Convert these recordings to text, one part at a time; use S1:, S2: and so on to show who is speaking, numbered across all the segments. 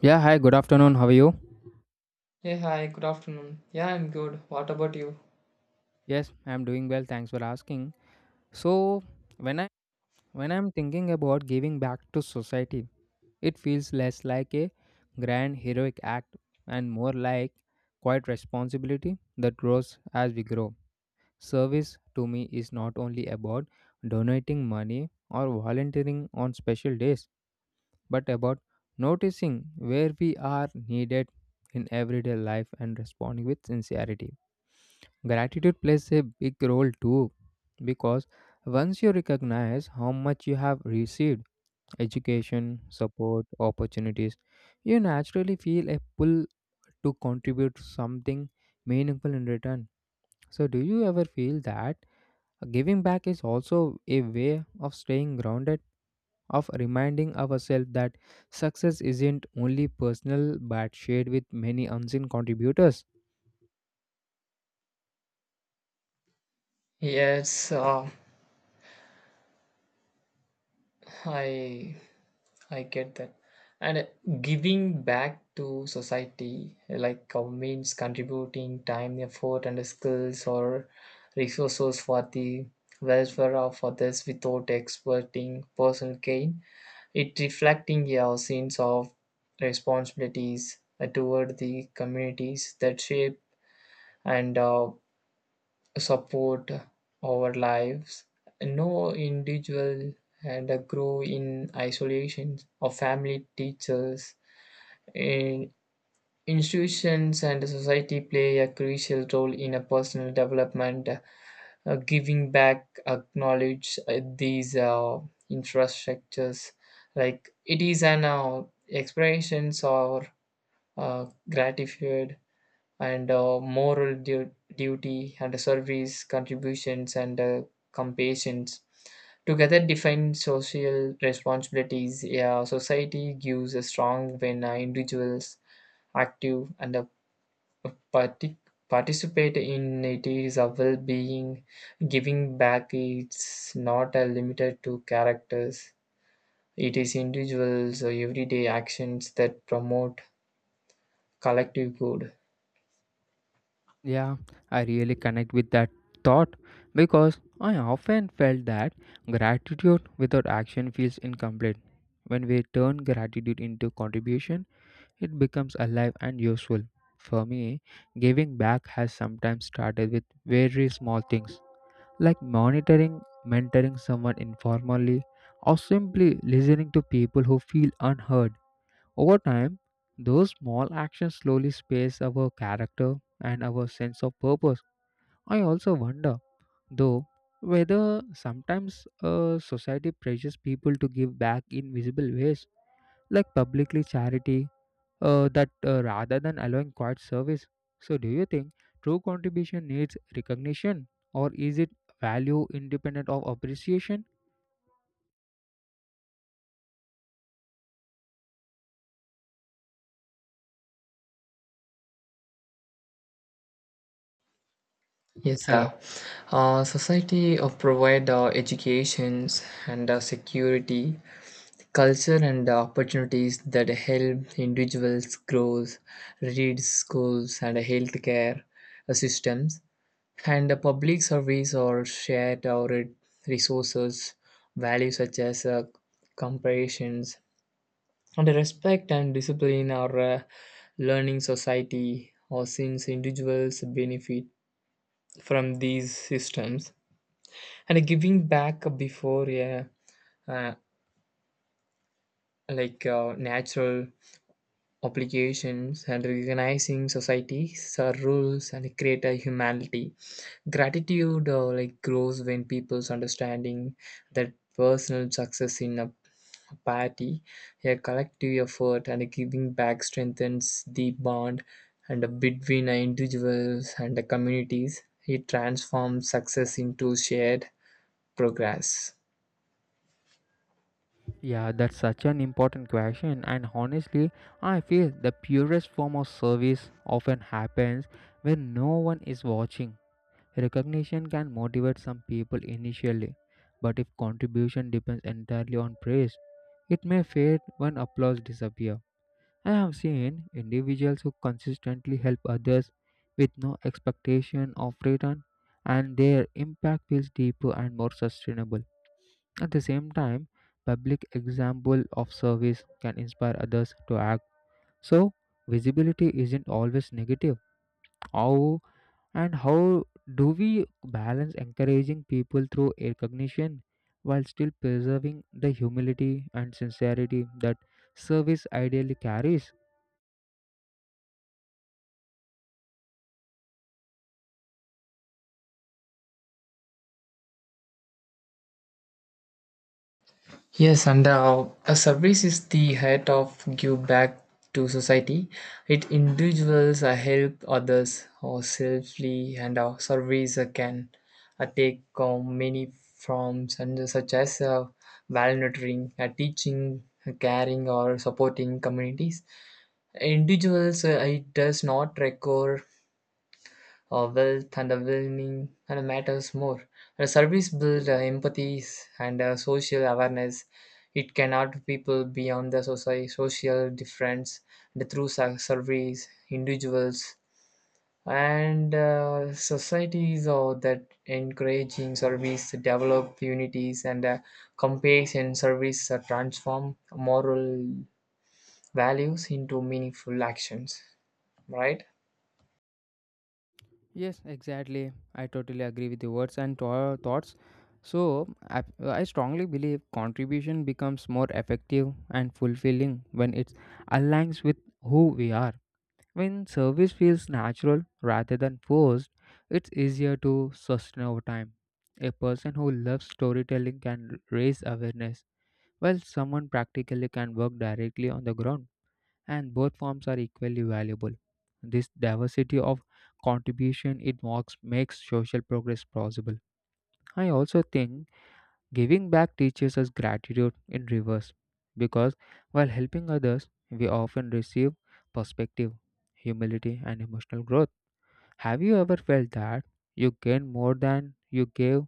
S1: Yeah, hi, good afternoon. How are you?
S2: Hey, hi, good afternoon. Yeah, I'm good. What about you?
S1: Yes, I'm doing well. Thanks for asking. So, when I when I'm thinking about giving back to society, it feels less like a grand heroic act and more like quiet responsibility that grows as we grow. Service to me is not only about donating money or volunteering on special days, but about noticing where we are needed in everyday life and responding with sincerity. Gratitude plays a big role too because once you recognize how much you have received education, support, opportunities, you naturally feel a pull to contribute something meaningful in return. So, do you ever feel that giving back is also a way of staying grounded, of reminding ourselves that success isn't only personal but shared with many unseen contributors?
S2: Yes, I I get that. And giving back to society, means contributing time, effort, and skills or resources for the welfare of others without expecting personal gain. It reflecting your sense of responsibilities toward the communities that shape and support our lives. No individual and grow in isolation. Our family, teachers, in institutions, and society play a crucial role in a personal development. Giving back, acknowledge these infrastructures, like it is an expressions or gratitude and moral duty and service contributions and compassion together define social responsibilities, a society gives a strong when individuals active and partic- participate in it is a well-being. Giving back is not limited to characters, it is individuals or everyday actions that promote collective good.
S1: Yeah, I really connect with that thought because I often felt that gratitude without action feels incomplete. When we turn gratitude into contribution, it becomes alive and useful. For me, giving back has sometimes started with very small things like monitoring, mentoring someone informally, or simply listening to people who feel unheard. Over time, those small actions slowly space our character and our sense of purpose. I also wonder, though, whether sometimes society pressures people to give back in visible ways, like publicly charity, that rather than allowing quiet service. So, do you think true contribution needs recognition, or is it value independent of appreciation?
S2: Yes,
S1: Hello.
S2: sir. Society provide educations and security, culture and opportunities that help individuals grow, read schools and healthcare systems, and public service or shared our resources, values such as comparisons and respect and discipline are learning society or since individuals benefit from these systems, and a giving back before a uh, natural obligations and recognizing society's rules and create a humanity. Gratitude like grows when people's understanding that personal success in a party a collective effort, and a giving back strengthens the bond and between individuals and the communities. It transforms success into shared progress.
S1: Yeah, that's such an important question, and honestly, I feel the purest form of service often happens when no one is watching. Recognition can motivate some people initially, but if contribution depends entirely on praise, it may fade when applause disappears. I have seen individuals who consistently help others with no expectation of return, and their impact feels deeper and more sustainable. At the same time, public example of service can inspire others to act. So, visibility isn't always negative. How how do we balance encouraging people through recognition while still preserving the humility and sincerity that service ideally carries?
S2: Yes, and a service is the heart of give back to society. It individuals help others or selfly, and service can take many forms, and such as volunteering, teaching, caring, or supporting communities. Individuals, it does not require wealth, and well-being and matters more. And a service builds empathies and social awareness. It can help people beyond the social difference, and through service, individuals and societies or that encouraging service develop unities and compassion. Service transform moral values into meaningful actions, right?
S1: Yes, exactly. I totally agree with your words and thoughts. So, I strongly believe contribution becomes more effective and fulfilling when it aligns with who we are. When service feels natural rather than forced, it's easier to sustain over time. A person who loves storytelling can raise awareness, while someone practically can work directly on the ground, and both forms are equally valuable. This diversity of contribution it marks makes social progress possible. I also think giving back teaches us gratitude in reverse because while helping others, we often receive perspective, humility, and emotional growth. Have you ever felt that you gained more than you gave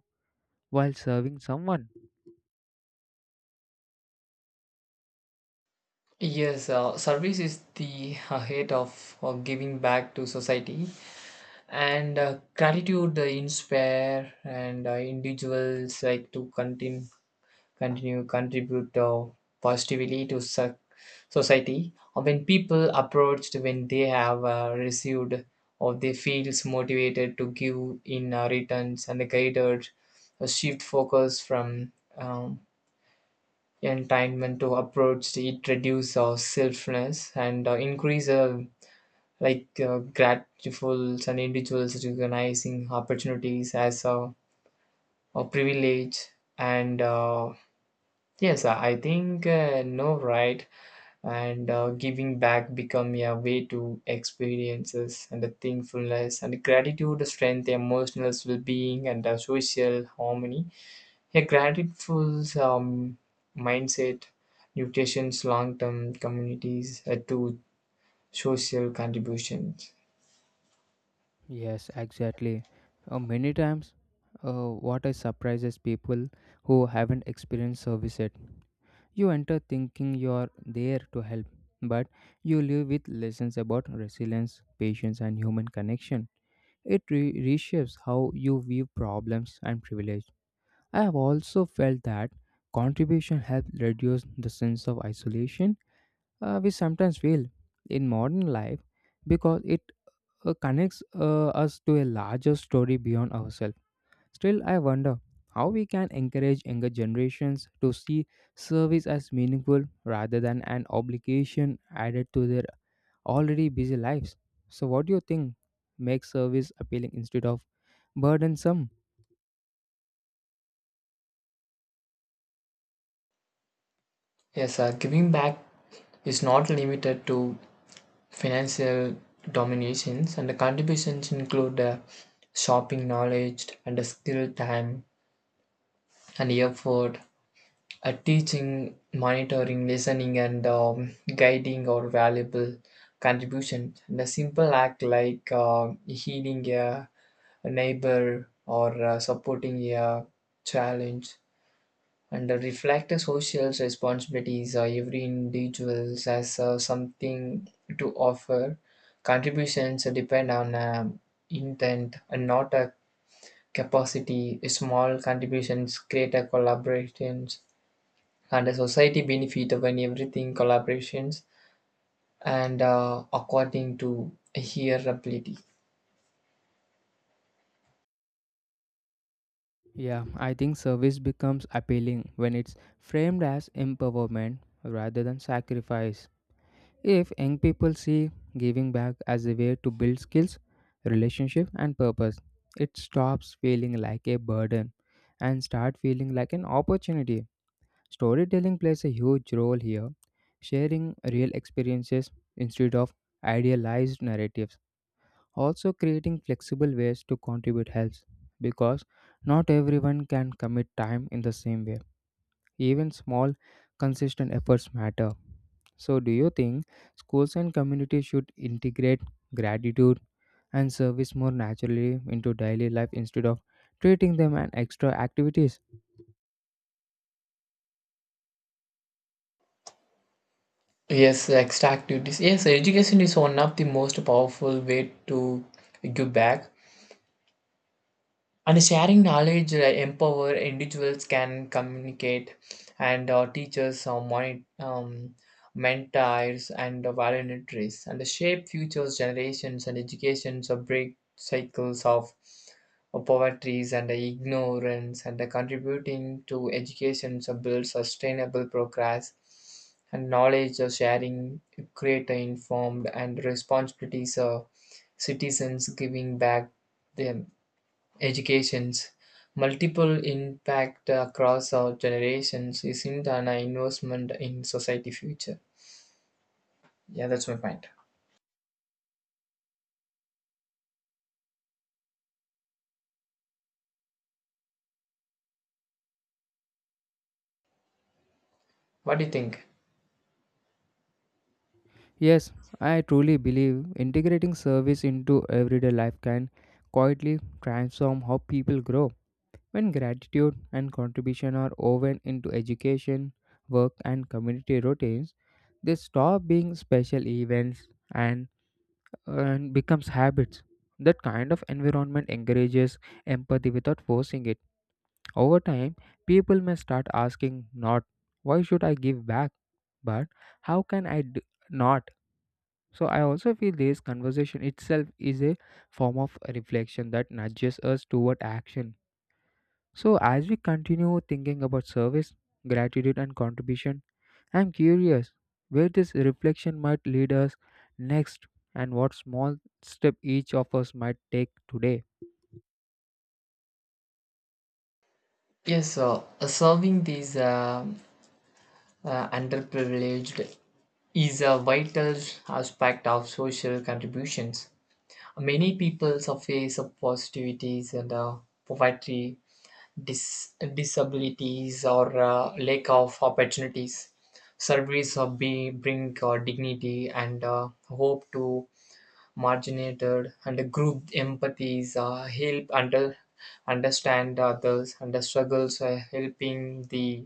S1: while serving someone?
S2: Yes, service is the head of giving back to society, and gratitude inspire and individuals like to continue contribute positively to society. When people approached when they have received or they feels motivated to give in returns and the guided a shift focus from um, entitlement to approach, it reduce our selfness and increase gratefuls, and individuals recognizing opportunities as a privilege and yes I think no, right. And giving back become a way to experiences, and the thankfulness and gratitude strength emotional well-being and social harmony. A grateful mindset nutrition's long-term communities to social contributions.
S1: Yes, exactly. Many times, what I surprises people who haven't experienced service yet. You enter thinking you're there to help, but you live with lessons about resilience, patience, and human connection. It reshapes how you view problems and privilege. I have also felt that contribution helps reduce the sense of isolation we sometimes feel in modern life because it connects us to a larger story beyond ourselves. Still, I wonder how we can encourage younger generations to see service as meaningful rather than an obligation added to their already busy lives. So, what do you think makes service appealing instead of burdensome?
S2: Yes, sir. Giving back is not limited to financial dominations, and the contributions include shopping knowledge and the skill, time, and effort. Teaching, monitoring, listening, and guiding or valuable contribution. And a simple act like healing a neighbor or supporting a challenge and reflect the social responsibilities. Every individual has something to offer. Contributions depend on intent and not a capacity. Small contributions create a collaborations, and a society benefit when everything collaborations and according to her ability.
S1: Yeah, I think service becomes appealing when it's framed as empowerment rather than sacrifice. If young people see giving back as a way to build skills, relationship, and purpose, it stops feeling like a burden and start feeling like an opportunity. Storytelling plays a huge role here, sharing real experiences instead of idealized narratives. Also, creating flexible ways to contribute helps because not everyone can commit time in the same way. Even small, consistent efforts matter. So, do you think schools and communities should integrate gratitude and service more naturally into daily life instead of treating them as extra activities?
S2: Yes, extra activities. Yes, education is one of the most powerful way to give back, and sharing knowledge empower individuals can communicate and teachers mentors and voluntaries and shape futures generations, and educations or break cycles of poverty and ignorance, and contributing to education to build sustainable progress, and knowledge sharing create an informed and responsibilities citizens giving back them. Education's multiple impact across our generations isn't an investment in society future. Yeah, that's my point. What do you think?
S1: Yes, I truly believe integrating service into everyday life can quietly transform how people grow. When gratitude and contribution are woven into education, work, and community routines, they stop being special events and, and becomes habits. That kind of environment encourages empathy without forcing it. Over time, people may start asking not why should I give back, but how can I not? So I also feel this conversation itself is a form of reflection that nudges us toward action, so, as we continue thinking about service, gratitude, and contribution, I'm curious where this reflection might lead us next and what small step each of us might take today.
S2: Yes, so solving these underprivileged is a vital aspect of social contributions. Many people surface of positivities and poverty, dis- disabilities, or lack of opportunities. Surveys of be bring dignity and hope to marginated and group empathies help understand others and the struggles helping the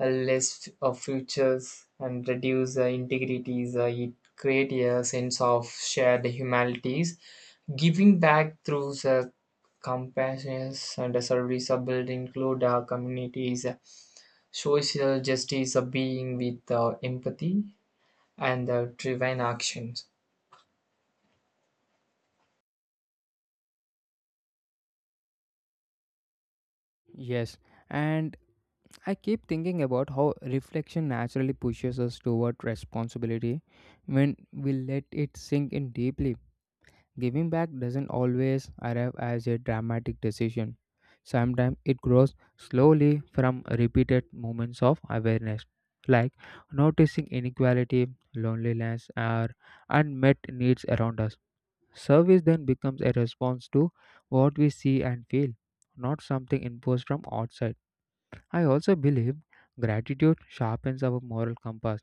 S2: a list of futures and reduce the integrities. It create a sense of shared humanities. Giving back through the compassion and the service are built include our communities, social justice, of being with empathy and driven actions.
S1: Yes, and I keep thinking about how reflection naturally pushes us toward responsibility when we let it sink in deeply. Giving back doesn't always arrive as a dramatic decision. Sometimes it grows slowly from repeated moments of awareness, like noticing inequality, loneliness, or unmet needs around us. Service then becomes a response to what we see and feel, not something imposed from outside. I also believe gratitude sharpens our moral compass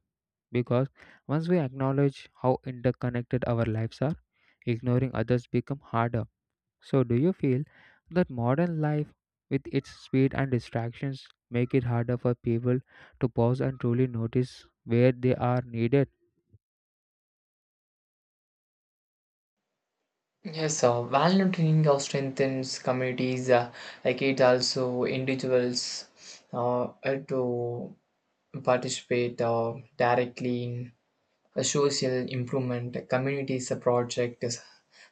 S1: because once we acknowledge how interconnected our lives are, ignoring others become harder. So do you feel that modern life with its speed and distractions make it harder for people to pause and truly notice where they are needed?
S2: Yes, value training of strengthens communities, like it also individuals to participate directly in a social improvement communities, a project is-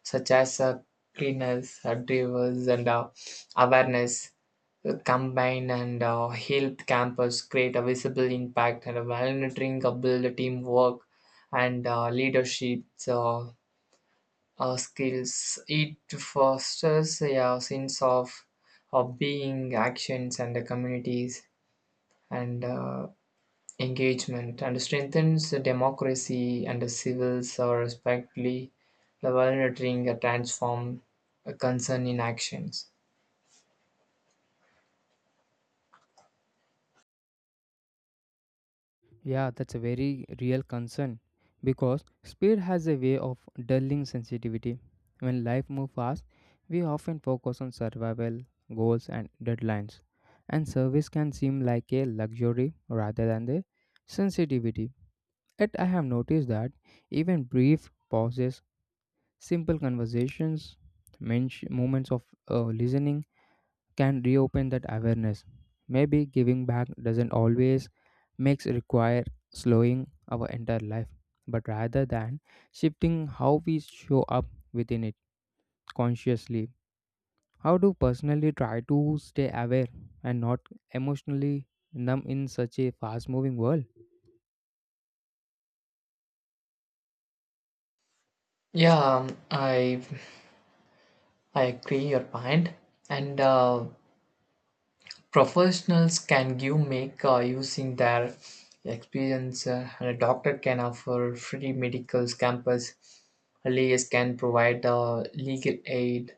S2: such as cleaners, drivers, and awareness combine and help campus create a visible impact, and a volunteering build a teamwork and leadership uh, skills. It fosters a sense of being actions and the communities and engagement and strengthens the democracy and the civils are respectively validating a transform a concern in actions.
S1: Yeah, that's a very real concern because speed has a way of dulling sensitivity. When life moves fast, we often focus on survival, goals, and deadlines, and service can seem like a luxury rather than the sensitivity. Yet I have noticed that even brief pauses, simple conversations, moments of listening can reopen that awareness. Maybe giving back doesn't always makes require slowing our entire life, but rather than shifting how we show up within it consciously. How do personally try to stay aware and not emotionally numb in such a fast moving world?
S2: Yeah, I agree your point, and professionals can give make using their experience, and a doctor can offer free medicals campus. LAS can provide legal aid,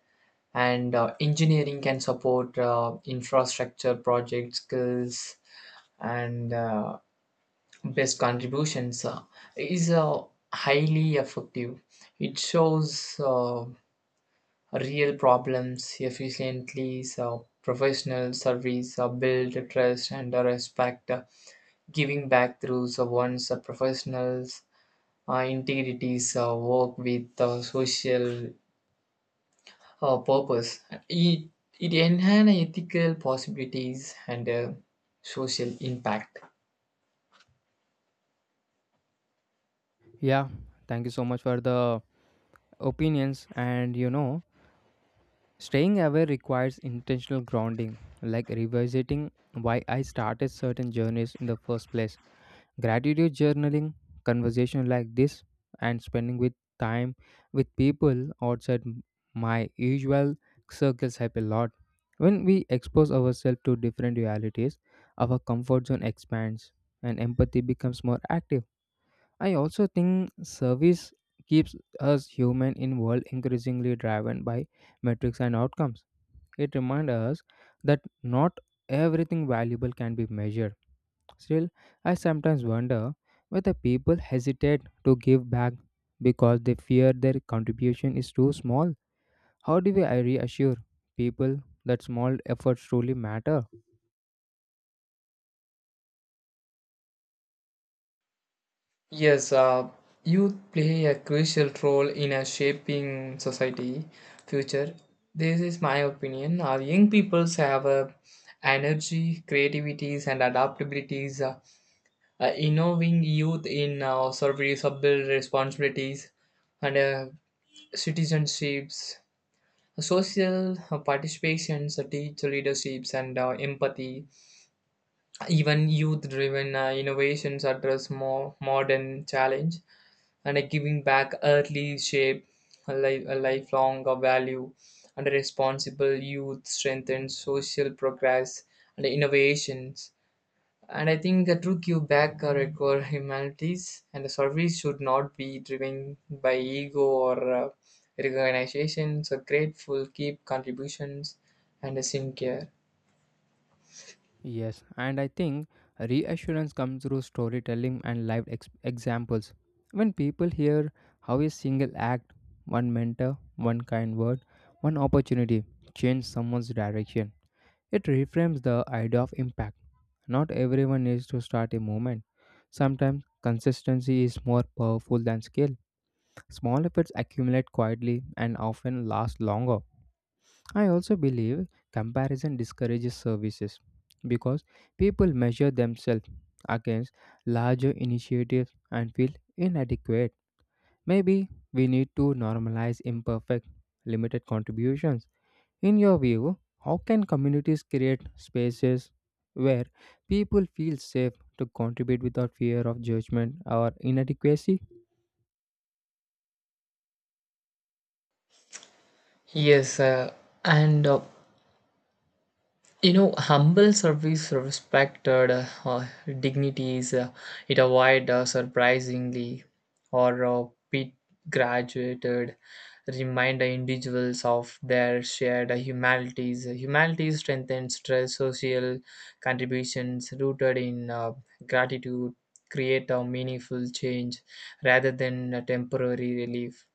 S2: and engineering can support infrastructure project skills, and best contributions is highly effective. It shows real problems efficiently. So professional service build trust and respect. Giving back through one's professionals integrities work with social purpose. It, it enhances ethical possibilities and social impact.
S1: Yeah, thank you so much for the opinions and you know staying aware requires intentional grounding like revisiting why I started certain journeys in the first place, gratitude journaling, conversation like this, and spending with time with people outside my usual circles help a lot. When we expose ourselves to different realities, our comfort zone expands and empathy becomes more active. I also think service keeps us human in world increasingly driven by metrics and outcomes. It reminds us that not everything valuable can be measured. Still, I sometimes wonder whether people hesitate to give back because they fear their contribution is too small. How do we I reassure people that small efforts truly matter?
S2: Yes, youth play a crucial role in shaping society future. This is my opinion. Our young peoples have a energy, creativities, and adaptabilities. Innovating youth in serviceable responsibilities and citizenships. Social participations, teacher leaderships, and empathy, even youth-driven innovations address more modern challenge, and a giving back early shape a lifelong value, and a responsible youth strengthens social progress and innovations. And I think the true Quebec require humanities, and the service should not be driven by ego or recognition. So grateful, keep contributions, and a sincere.
S1: Yes, and I think reassurance comes through storytelling and live examples. When people hear how a single act, one mentor, one kind word, one opportunity changed someone's direction, it reframes the idea of impact. Not everyone needs to start a movement. Sometimes consistency is more powerful than scale. Small efforts accumulate quietly and often last longer. I also believe comparison discourages services because people measure themselves against larger initiatives and feel inadequate. Maybe we need to normalize imperfect, limited contributions. In your view, how can communities create spaces where people feel safe to contribute without fear of judgment or inadequacy?
S2: Yes, and you know humble service respected dignities. It avoid surprisingly or pit graduated, remind the individuals of their shared humanities strengthen stress social contributions rooted in gratitude create a meaningful change rather than a temporary relief,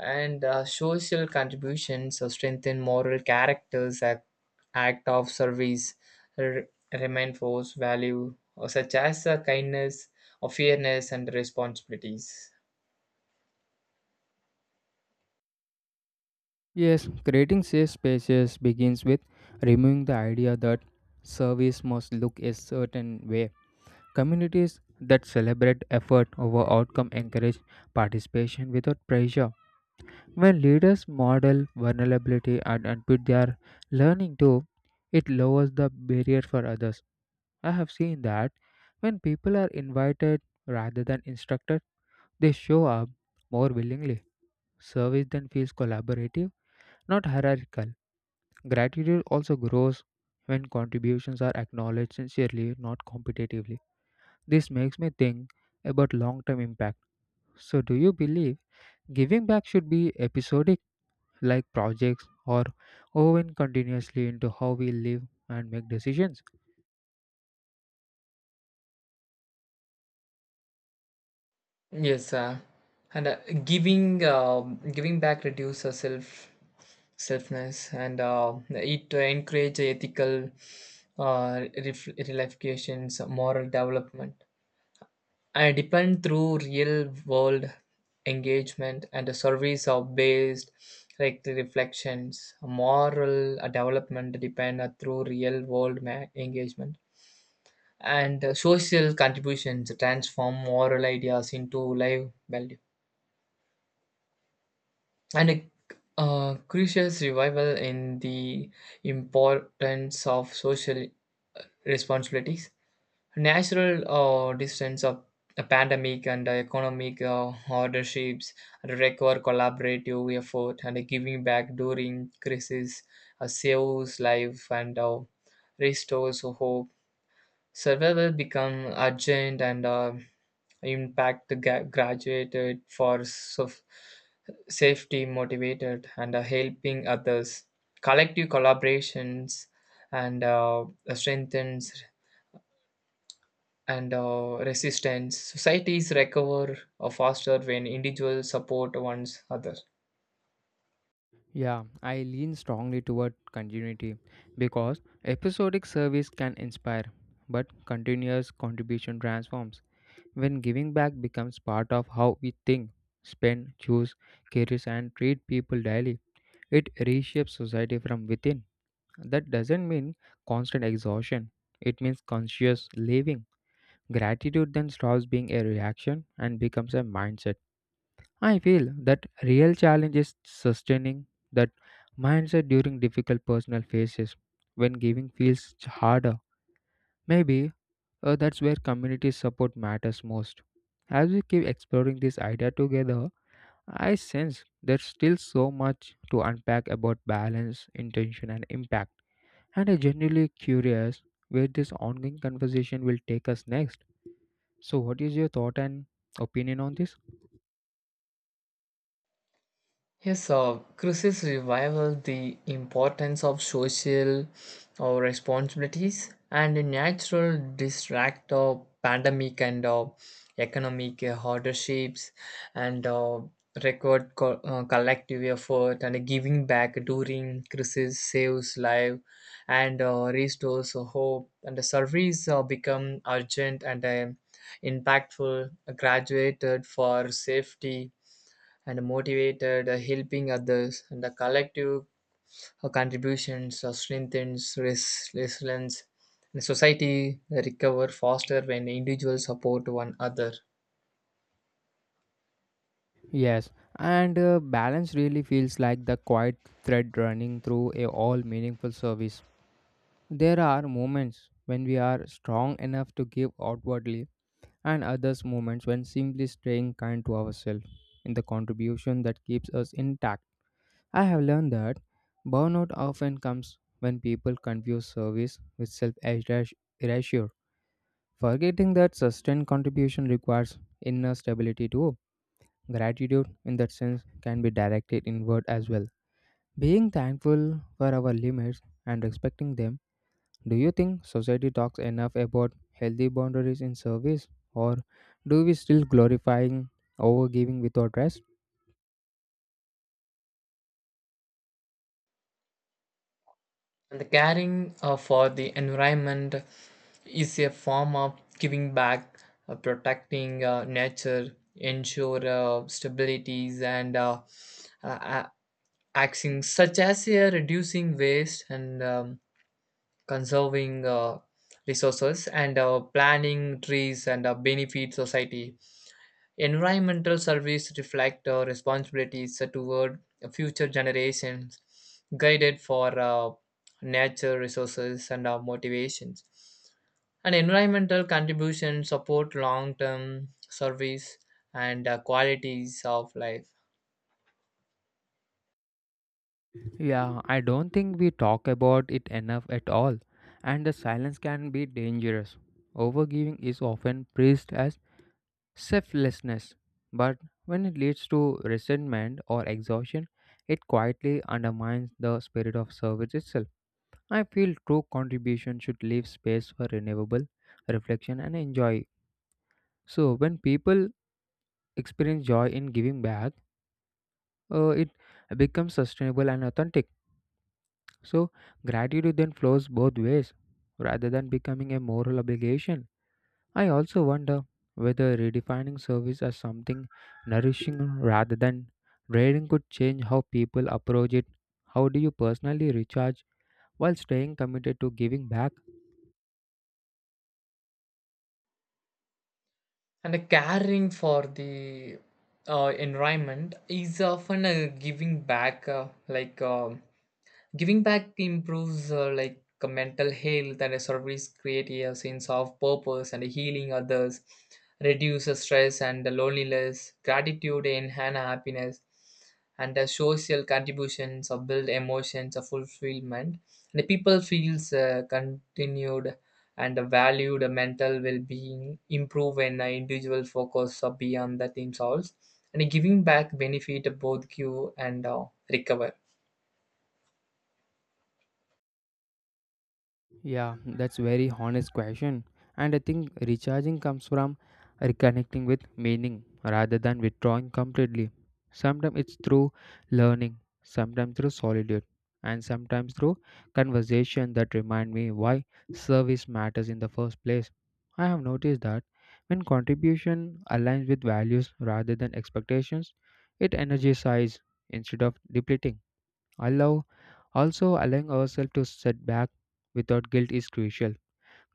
S2: and social contributions or strengthen moral characters. Act of service r- reinforce value or such as kindness or fairness and responsibilities.
S1: Yes, creating safe spaces begins with removing the idea that service must look a certain way. Communities that celebrate effort over outcome encourage participation without pressure. When leaders model vulnerability and admit they are learning too, it lowers the barrier for others. I have seen that when people are invited rather than instructed, they show up more willingly. Service then feels collaborative, not hierarchical. Gratitude also grows when contributions are acknowledged sincerely, not competitively. This makes me think about long term impact. So, do you believe giving back should be episodic, like projects, or woven continuously into how we live and make decisions?
S2: Yes, and giving back reduces self selfness, and it encourage ethical reflections moral development. I depend through real world engagement and the surveys are based like the reflections. Moral development depend through real world engagement, and social contributions transform moral ideas into live value, and a crucial revival in the importance of social responsibilities. Natural distance of a pandemic and economic hardships require collaborative effort, and giving back during crisis saves life and restores hope. Survival become urgent and impact the graduated for safety motivated and helping others. Collective collaborations and strengthens and resistance. Societies recover faster when individuals support one's other.
S1: Yeah, I lean strongly toward continuity. Because episodic service can inspire, but continuous contribution transforms. When giving back becomes part of how we think, spend, choose, cherish, and treat people daily, it reshapes society from within. That doesn't mean constant exhaustion, it means conscious living. Gratitude then stops being a reaction and becomes a mindset. I feel that real challenge is sustaining that mindset during difficult personal phases when giving feels harder. Maybe that's where community support matters most. As we keep exploring this idea together, I sense there's still so much to unpack about balance, intention, and impact. And I'm genuinely curious where this ongoing conversation will take us next. So, what is your thought and opinion on this?
S2: Yes, Crisis revival the importance of social responsibilities and a natural distract of pandemic and economic hardships and collective effort, and giving back during crisis saves life and restores hope, and the surveys become urgent and impactful graduated for safety and motivated, helping others, and the collective contributions strengthens resilience. And society recover faster when individuals support one another.
S1: Yes, and balance really feels like the quiet thread running through a all meaningful service. There are moments when we are strong enough to give outwardly and others moments when simply staying kind to ourselves in the contribution that keeps us intact. I have learned that burnout often comes when people confuse service with self erasure, forgetting that sustained contribution requires inner stability too. Gratitude, in that sense, can be directed inward as well. Being thankful for our limits and respecting them, do you think society talks enough about healthy boundaries in service, or do we still glorifying overgiving without rest?
S2: And the caring for the environment is a form of giving back, protecting nature, ensure stabilities and uh, a- actions such as reducing waste and conserving resources and planning trees and benefit society. Environmental service reflect responsibilities toward future generations, guided for nature resources and motivations. And environmental contributions support long-term service and qualities of life,
S1: Yeah, I don't think we talk about it enough at all, and the silence can be dangerous. Overgiving is often praised as selflessness, but when it leads to resentment or exhaustion, it quietly undermines the spirit of service itself. I feel true contribution should leave space for renewable reflection and enjoy. So when people experience joy in giving back, it becomes sustainable and authentic. So gratitude then flows both ways rather than becoming a moral obligation. I also wonder whether redefining service as something nourishing rather than draining could change how people approach it. How do you personally recharge while staying committed to giving back?
S2: and a caring for the environment is often a giving back. Giving back improves mental health, and a service creates a sense of purpose and healing others, reduces stress and loneliness, gratitude enhance happiness, and the social contributions of build emotions of fulfillment. And the people feels continued and valued mental well-being improve when the individual focus beyond the team souls, and giving back benefit both give and recover,
S1: Yeah, that's very honest question. And I think recharging comes from reconnecting with meaning rather than withdrawing completely. Sometimes it's through learning, sometimes through solitude, and sometimes through conversation that remind me why service matters in the first place. I have noticed that when contribution aligns with values rather than expectations, it energizes instead of depleting. Allow Allowing ourselves to set back without guilt is crucial.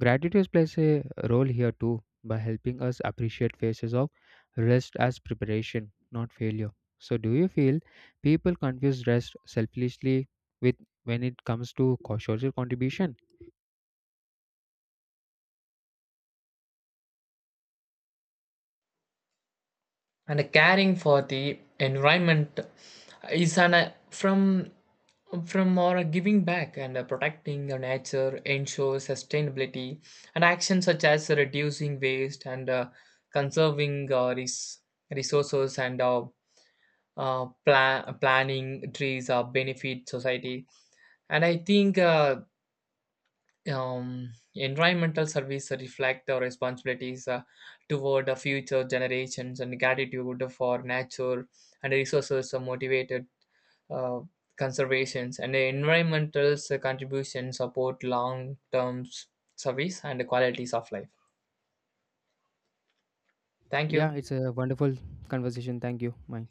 S1: Gratitude plays a role here too by helping us appreciate phases of rest as preparation, not failure. So do you feel people confuse rest selfishly with when it comes to social contribution?
S2: and caring for the environment is an from or a giving back, and protecting the nature ensures sustainability and actions such as reducing waste and conserving resources and planning trees benefit society, and I think environmental service reflect our responsibilities toward the future generations, and gratitude for nature and resources are motivated uh, conservations, and the environmental contributions support long-term service and the qualities of life. Thank you.
S1: Yeah, it's a wonderful conversation. Thank you. Bye.